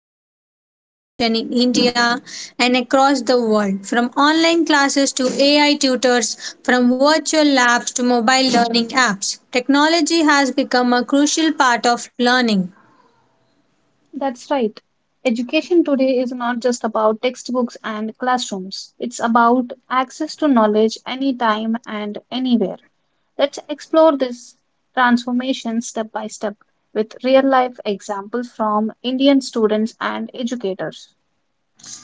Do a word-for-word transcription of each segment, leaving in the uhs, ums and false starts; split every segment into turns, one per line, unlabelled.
transforming education in India and across the world, from online classes to A I tutors, from virtual labs to mobile learning apps. Technology has become a crucial part of learning.
That's right. Education today is not just about textbooks and classrooms. It's about access to knowledge anytime and anywhere. Let's explore this transformation step by step with real life examples from Indian students and educators.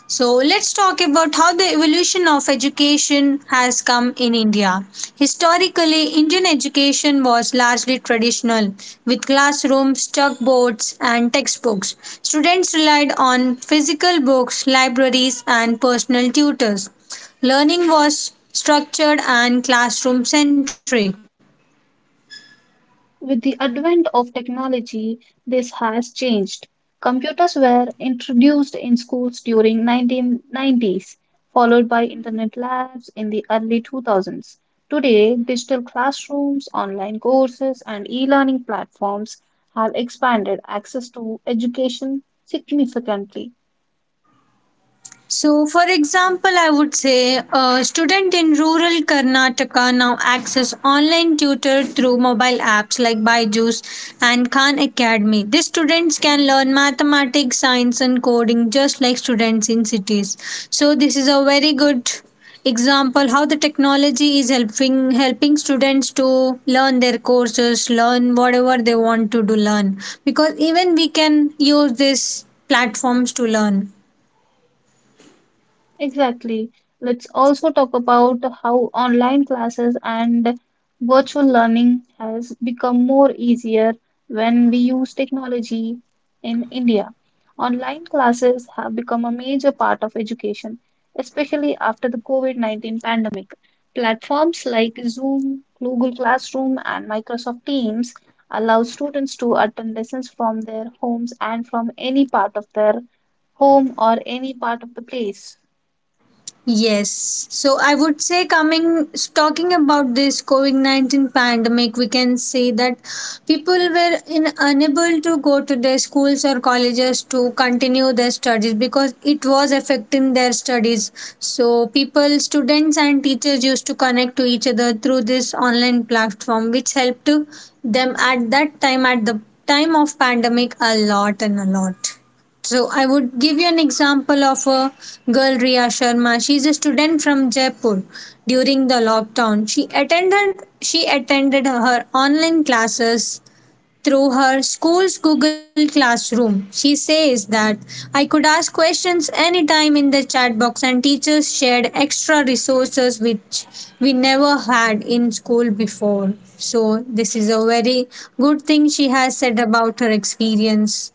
So let's talk about how the evolution of education has come in India. Historically, Indian education was largely traditional, with classrooms, chalkboards, and textbooks. Students relied on physical books, libraries, and personal tutors. Learning was structured and classroom centric.
With the advent of technology, this has changed. Computers were introduced in schools during nineteen nineties, followed by internet labs in the early two thousands. Today, digital classrooms, online courses, and e-learning platforms have expanded access to education significantly.
So, for example, I would say a student in rural Karnataka now access online tutor through mobile apps like Byju's and Khan Academy. These students can learn mathematics, science, and coding just like students in cities. So, this is a very good example how the technology is helping helping students to learn their courses, learn whatever they want to do, learn because even we can use these platforms to learn.
Exactly. Let's also talk about how online classes and virtual learning has become more easier when we use technology in India. Online classes have become a major part of education, especially after the COVID nineteen pandemic. Platforms like Zoom, Google Classroom, and Microsoft Teams allow students to attend lessons from their homes and from any part of their home or any part of the place.
Yes. So I would say coming talking about this COVID nineteen pandemic, we can say that people were in, unable to go to their schools or colleges to continue their studies because it was affecting their studies. So people, students and teachers used to connect to each other through this online platform which helped to them at that time at the time of pandemic a lot and a lot. So I would give you an example of a girl Riya Sharma. She is a student from Jaipur. During the lockdown, she attended she attended her online classes through her school's Google Classroom. She says that I could ask questions anytime in the chat box, and teachers shared extra resources which we never had in school before. So this is a very good thing she has said about her experience.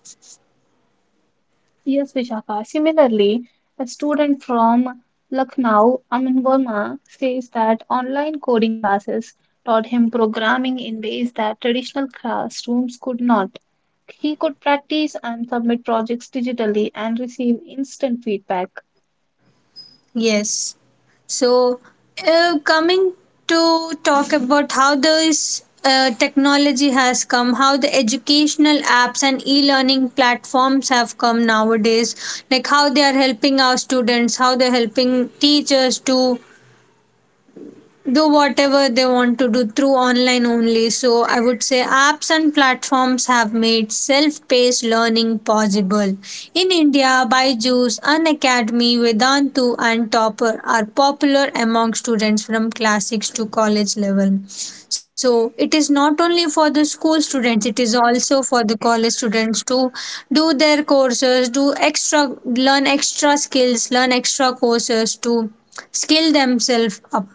Yes, Vishaka. Similarly, a student from Lucknow, Amin Verma, says that online coding classes taught him programming in ways that traditional classrooms could not. He could practice and submit projects digitally and receive instant feedback.
Yes. So, uh, coming to talk about how this uh, technology has come, how the educational apps and e learning platforms have come nowadays, like how they are helping our students, how they're helping teachers to do whatever they want to do through online only. So, I would say apps and platforms have made self paced learning possible. In India, Byju's, Unacademy, Vedantu, and Topper are popular among students from class six to college level. So, it is not only for the school students, it is also for the college students to do their courses, do extra, learn extra skills, learn extra courses to skill themselves up.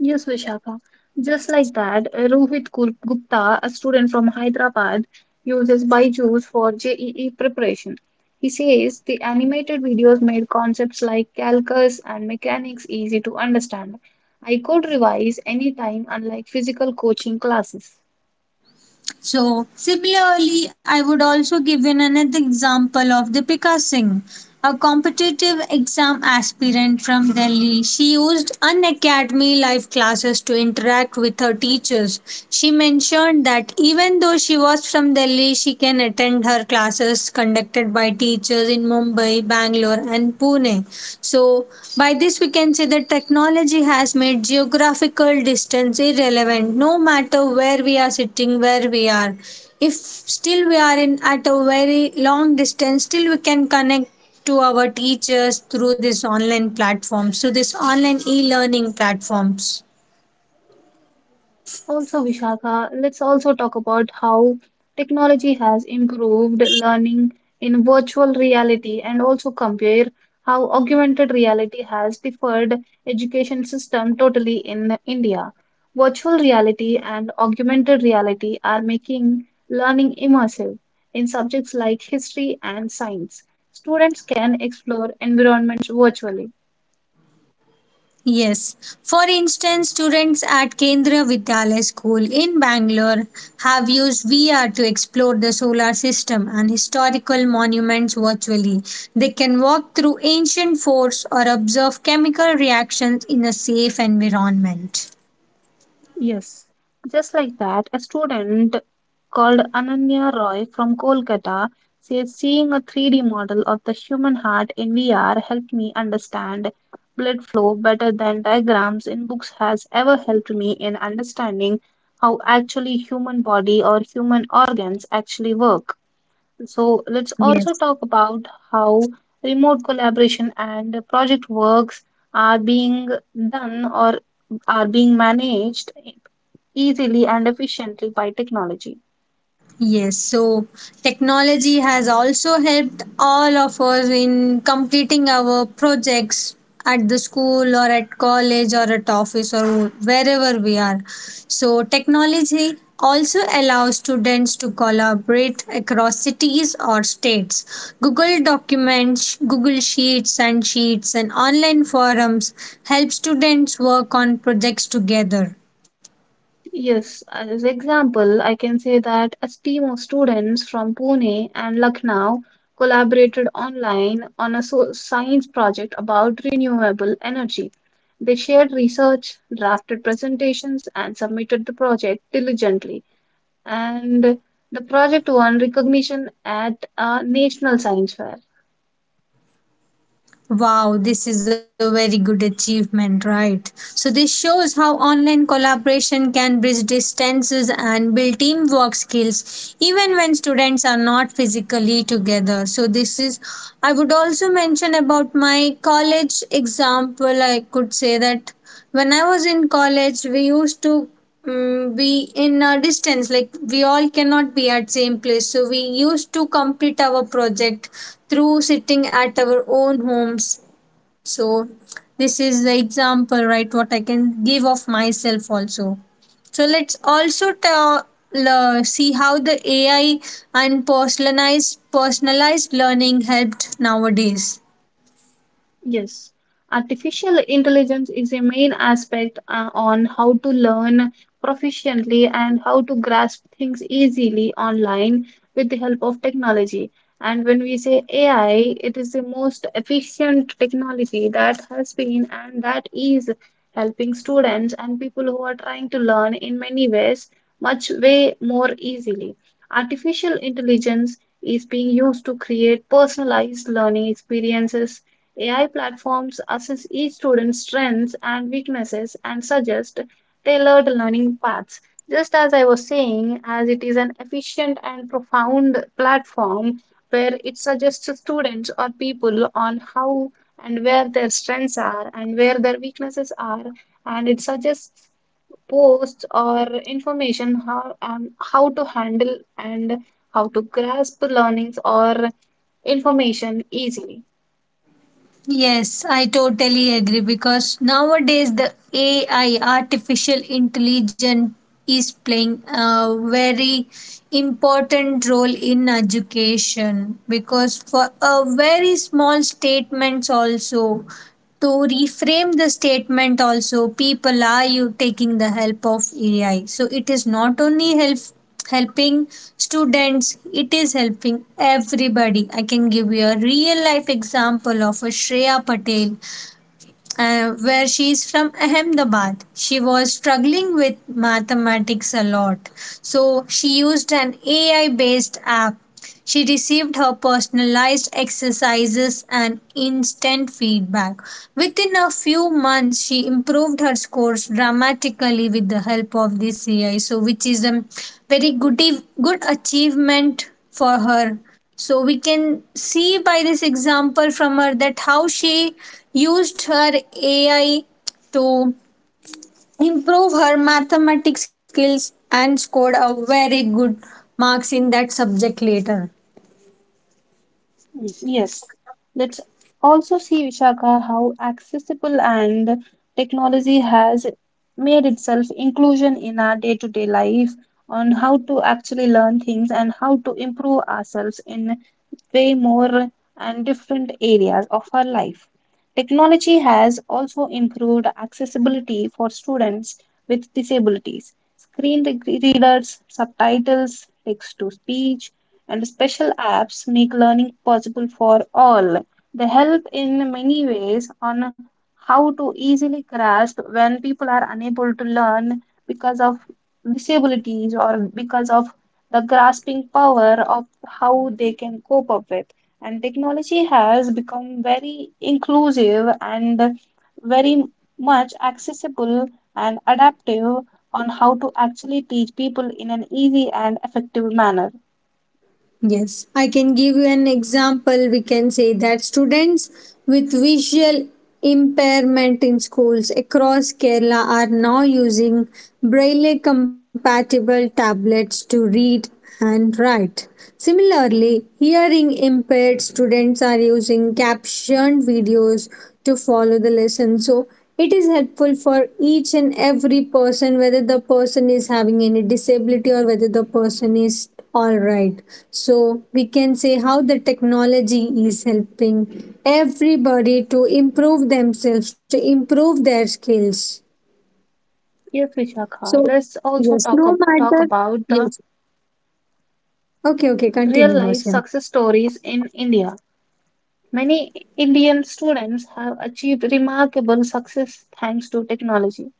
Yes, Vishakha. Just like that, uh, Rohit Gu- Gupta, a student from Hyderabad, uses Byju's for J E E preparation. He says the animated videos made concepts like calculus and mechanics easy to understand. I could revise anytime, unlike physical coaching classes.
So, similarly, I would also give in another example of Deepika Singh, a competitive exam aspirant from Delhi. She used unacademy live classes to interact with her teachers. She mentioned that even though she was from Delhi, she can attend her classes conducted by teachers in Mumbai, Bangalore, and Pune. So, by this, we can say that technology has made geographical distance irrelevant no matter where we are sitting, where we are. If still we are in at a very long distance, still we can connect to our teachers through this online platform. So, this online e learning platforms.
Also, Vishaka, let's also talk about how technology has improved learning in virtual reality and also compare how augmented reality has differed education system totally in India. Virtual reality and augmented reality are making learning immersive in subjects like history and science. Students can explore environments virtually.
Yes. For instance, students at Kendra Vidyalaya School in Bangalore have used V R to explore the solar system and historical monuments virtually. They can walk through ancient forts or observe chemical reactions in a safe environment.
Yes, just like that, a student called Ananya Roy from Kolkata says seeing a three D model of the human heart in V R helped me understand blood flow better than diagrams in books has ever helped me in understanding how actually human body or human organs actually work. So let's
Yes.
also talk about how remote collaboration and project works are being done or are being managed easily and efficiently by technology.
Yes, so technology has also helped all of us in completing our projects at the school or at college or at office or wherever we are. So, technology also allows students to collaborate across cities or states. Google Documents, Google Sheets and Sheets and online forums help students work on projects together.
Yes, as example, I can say that a team of students from Pune and Lucknow collaborated online on a so- science project about renewable energy. They shared research, drafted presentations, and submitted the project diligently. And the project won recognition at a national science fair.
Wow, this is a very good achievement, right? So, this shows how online collaboration can bridge distances and build teamwork skills even when students are not physically together. So, this is, I would also mention about my college example. I could say that when I was in college we used to mm be in a distance, like we all cannot be at same place, so we used to complete our project through sitting at our own homes. So this is the example, right? What I can give of myself also. So let's also ta- le- see how the AI and personalized personalized learning helped nowadays.
Yes, artificial intelligence is a main aspect uh, on how to learn proficiently and how to grasp things easily online with the help of technology. And when we say A I, it is the most efficient technology that has been and that is helping students and people who are trying to learn in many ways much way more easily. Artificial intelligence is being used to create personalized learning experiences. A I platforms assess each student's strengths and weaknesses and suggest tailored learning paths. Just as I was saying, as it is an efficient and profound platform where it suggests to students or people on how and where their strengths are and where their weaknesses are, and it suggests posts or information how um, how to handle and how to grasp learnings or information easily.
Yes, I totally agree because nowadays the A I, artificial intelligence, is playing a very important role in education because for a very small statements also to reframe the statement also people are you taking the help of AI. So it is not only help helping students, it is helping everybody. I can give you a real life example of a Shreya Patel, uh, where she is from Ahmedabad. She was struggling with mathematics a lot. So she used an A I based app. She received her personalized exercises and instant feedback. Within a few months, she improved her scores dramatically with the help of this A I. So, which is a very good, good achievement for her. So we can see by this example from her that how she used her A I to improve her mathematics skills and scored a very good marks in that subject later.
Mm, Yes, let's also see, Vishaka, how accessible and technology has made itself inclusion in our day-to-day life on how to actually learn things and how to improve ourselves in way more and different areas of our life. Technology has also improved accessibility for students with disabilities. Screen re- readers, subtitles, text to speech, and special apps make learning possible for all. They help in many ways on how to easily grasp when people are unable to learn because of disabilities or because of the grasping power of how they can cope up with. And technology has become very inclusive and very much accessible and adaptive on how to actually teach people in an easy and effective manner.
Yes, I can give you an example. We can say that students with visual impairment in schools across Kerala are now using braille compatible tablets to read and write. Similarly, hearing impaired students are using captioned videos to follow the lesson. So, it is helpful for each and every person whether the person is having any disability or whether the person is all right. So we can say how the technology is helping everybody to improve themselves, to improve their skills.
Yes,
So
Vishakha. Let's also
yes, no
talk, ab- talk
matter.
about the
Yes. Okay, okay,
real
continue,
life
Vasya.
success stories in India. Many Indian students have achieved remarkable success thanks to technology.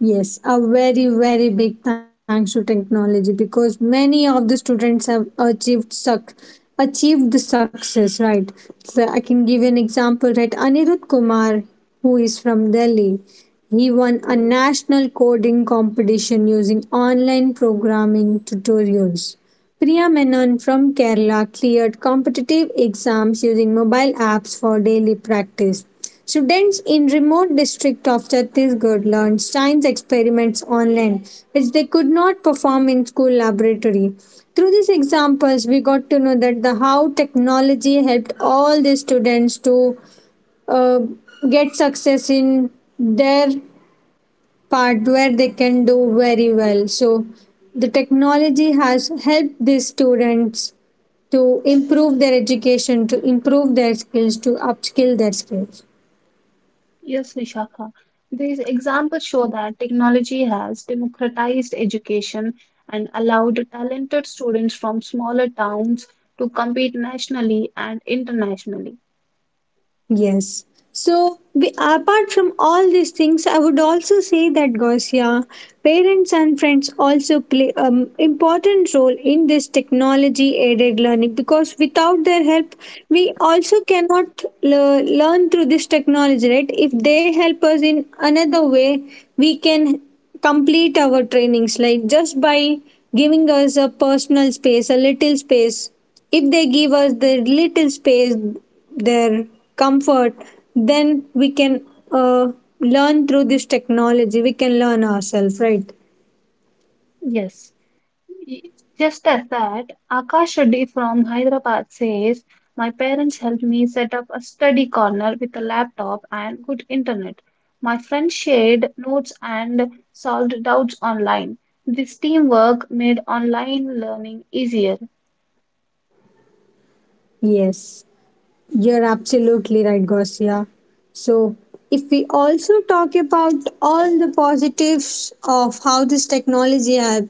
Yes, a very, very big thanks to technology because many of the students have achieved suc achieved the success, right? So I can give you an example, right? Anirudh Kumar, who is from Delhi, he won a national coding competition using online programming tutorials. Priya Menon from Kerala cleared competitive exams using mobile apps for daily practice. Students in remote district of Chhattisgarh learned science experiments online, which they could not perform in school laboratory. Through these examples, we got to know that the how technology helped all the students to uh, get success in their part where they can do very well. So the technology has helped these students to improve their education, to improve their skills, to upskill their skills.
Yes, Vishakha. These examples show that technology has democratized education and allowed talented students from smaller towns to compete nationally and internationally.
Yes. So, we, apart from all these things, I would also say that Gausia, parents and friends also play an important role in this technology aided learning because without their help, we also cannot le- learn through this technology, right? If they help us in another way, we can complete our trainings, like just by giving us a personal space, a little space, if they give us the little space, their comfort, then we can uh, learn through this technology. We can learn ourselves, right?
Yes. Just as that, Akash Reddy from Hyderabad says, "My parents helped me set up a study corner with a laptop and good internet. My friends shared notes and solved doubts online. This teamwork made online learning easier."
Yes, you're absolutely right, Gosia. So, if we also talk about all the positives of how this technology has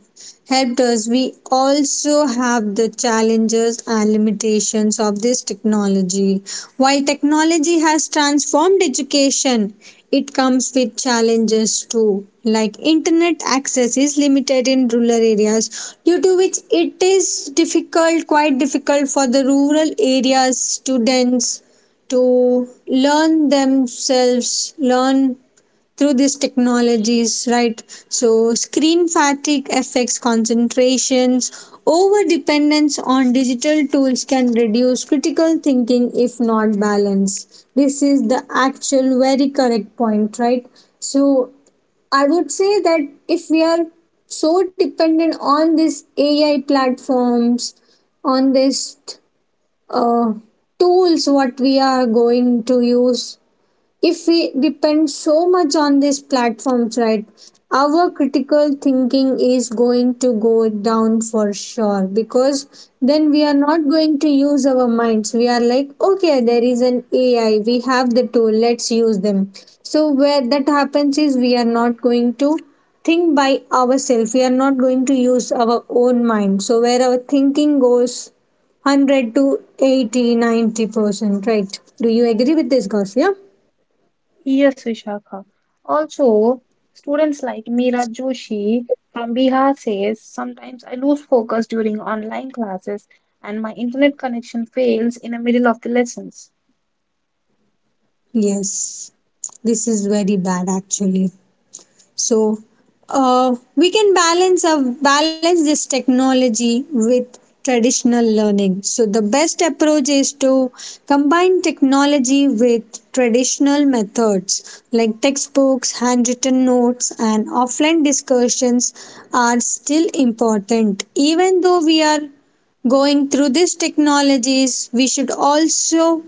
helped us, we also have the challenges and limitations of this technology. While technology has transformed education, it comes with challenges too, like internet access is limited in rural areas, due to which it is difficult, quite difficult for the rural areas students to learn themselves, learn through these technologies, right? So, screen fatigue affects concentrations. Over dependence on digital tools can reduce critical thinking if not balanced. This is the actual very correct point, right? So, I would say that if we are so dependent on these A I platforms, on these uh, tools, what we are going to use if we depend so much on these platforms, right? Our critical thinking is going to go down for sure because then we are not going to use our minds. We are like, okay, there is an AI, we have the tool, let's use them. So where that happens is we are not going to think by ourselves, we are not going to use our own mind, so where our thinking goes one hundred to eighty, ninety percent. Right? Do you agree with this, guys? Yeah.
Yes, Vishakha. Also, students like Meera Joshi from Bihar says, "Sometimes I lose focus during online classes and my internet connection fails in the middle of the lessons."
Yes, this is very bad actually. So, uh, we can balance uh, balance this technology with traditional learning. So the best approach is to combine technology with traditional methods like textbooks, handwritten notes, and offline discussions are still important. Even though we are going through these technologies, we should also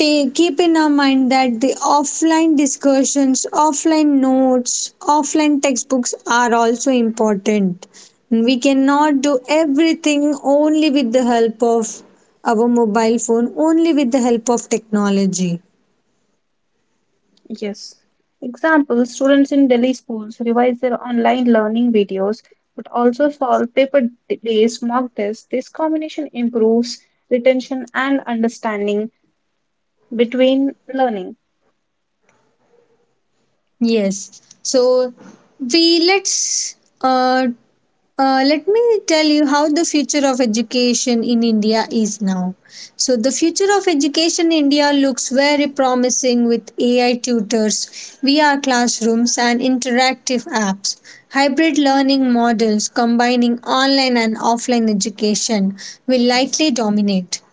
take keep in our mind that the offline discussions, offline notes, offline textbooks are also important. We cannot do everything only with the help of our mobile phone, only with the help of technology.
Yes. Example, students in Delhi schools revise their online learning videos but also solve paper-based mock tests. This combination improves retention and understanding between learning.
Yes. So we let's uh, uh, let me tell you how the future of education in India is now. So the future of education in India looks very promising with A I tutors, V R classrooms and interactive apps, hybrid learning models combining online and offline education will likely dominate.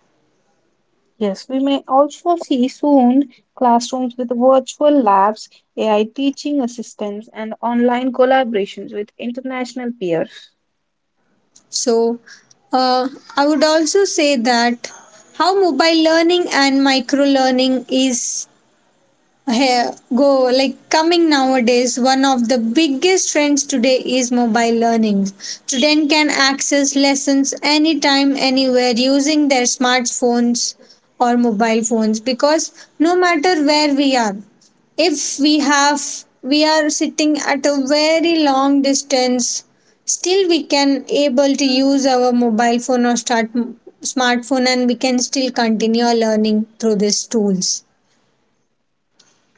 Yes, we may also see soon classrooms with virtual labs, A I teaching assistants, and online collaborations with international peers.
So, uh, I would also say that how mobile learning and micro learning is here go like coming nowadays. One of the biggest trends today is mobile learning, student can access lessons anytime anywhere using their smartphones or mobile phones because no matter where we are, if we have we are sitting at a very long distance, still we can able to use our mobile phone or start smartphone and we can still continue our learning through these tools.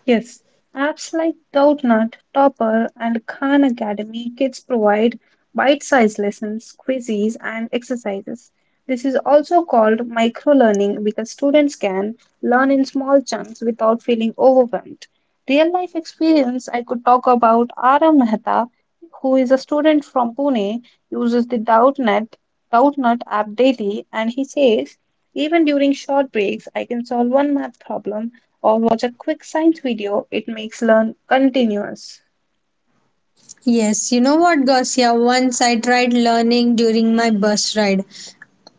Yes, apps like Doubtnut, Topper, and Khan Academy Kids provide bite sized lessons, quizzes, and exercises. This is also called micro learning because students can learn in small chunks without feeling overwhelmed. Real life experience I could talk about Ara Mehta, who is a student from Pune, uses the Doubtnut, Doubtnut app daily, and he says, "Even during short breaks, I can solve one math problem or watch a quick science video, it makes learn continuous."
Yes, you know what, Garcia. Once I tried learning during my bus ride.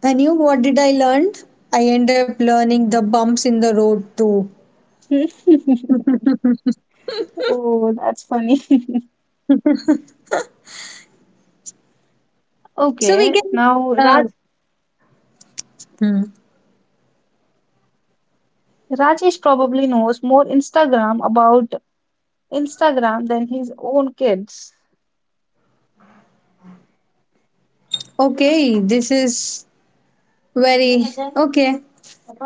And you, what did I learn? I ended up learning the bumps in the road too.
Oh, that's funny.
So we
Okay,
can.
now
Uh,
Raj
hmm.
Rajesh probably knows more Instagram about Instagram than his own kids.
Okay, this is very. Okay,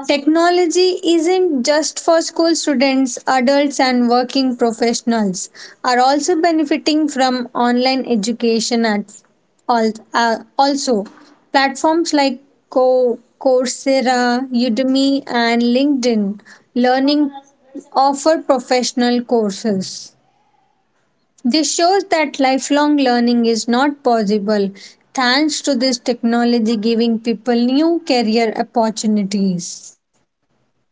technology isn't just for school students, adults, and working professionals are also benefiting from online education at all, uh, also platforms like Co- Coursera, Udemy, and LinkedIn Learning offer professional courses. This shows that lifelong learning is not possible thanks to this technology giving people new career opportunities.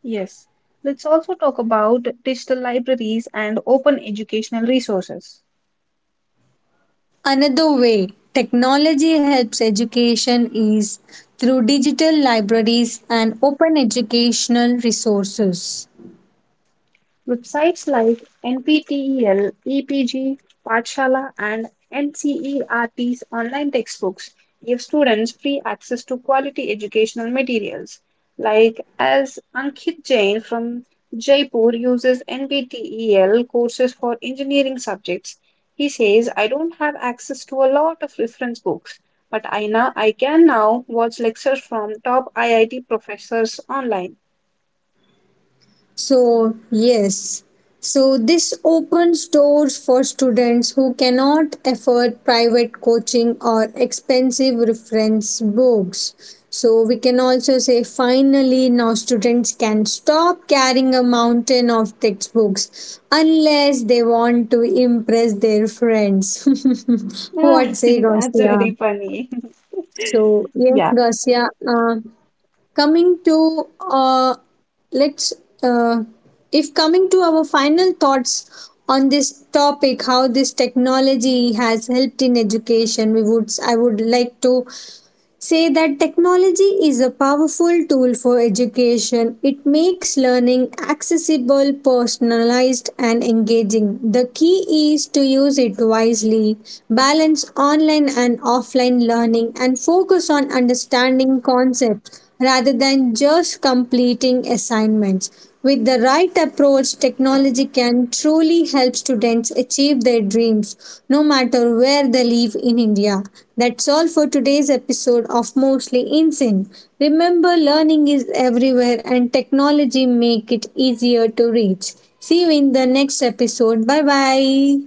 Yes, let's also talk about digital libraries and open educational resources.
Another way technology helps education is through digital libraries and open educational resources.
Websites like N P T E L, E P G, Patshala, and N C E R T's online textbooks give students free access to quality educational materials. Like as Ankit Jain from Jaipur uses N P T E L courses for engineering subjects, he says, "I don't have access to a lot of reference books, but I, now, I can now watch lectures from top I I T professors online."
So, yes. So, this opens doors for students who cannot afford private coaching or expensive reference books. So, we can also say finally, now students can stop carrying a mountain of textbooks unless they want to impress their friends. What say,
That's
Gausia?
very funny.
So, yes,
Yeah.
Gausia. Uh, coming to uh, let's uh, if coming to our final thoughts on this topic, how this technology has helped in education, we would I would like to say that technology is a powerful tool for education. It makes learning accessible, personalized, and engaging. The key is to use it wisely, balance online and offline learning, and focus on understanding concepts rather than just completing assignments. With the right approach, technology can truly help students achieve their dreams, no matter where they live in India. That's all for today's episode of Mostly Insane. Remember, learning is everywhere and technology make it easier to reach. See you in the next episode. Bye bye.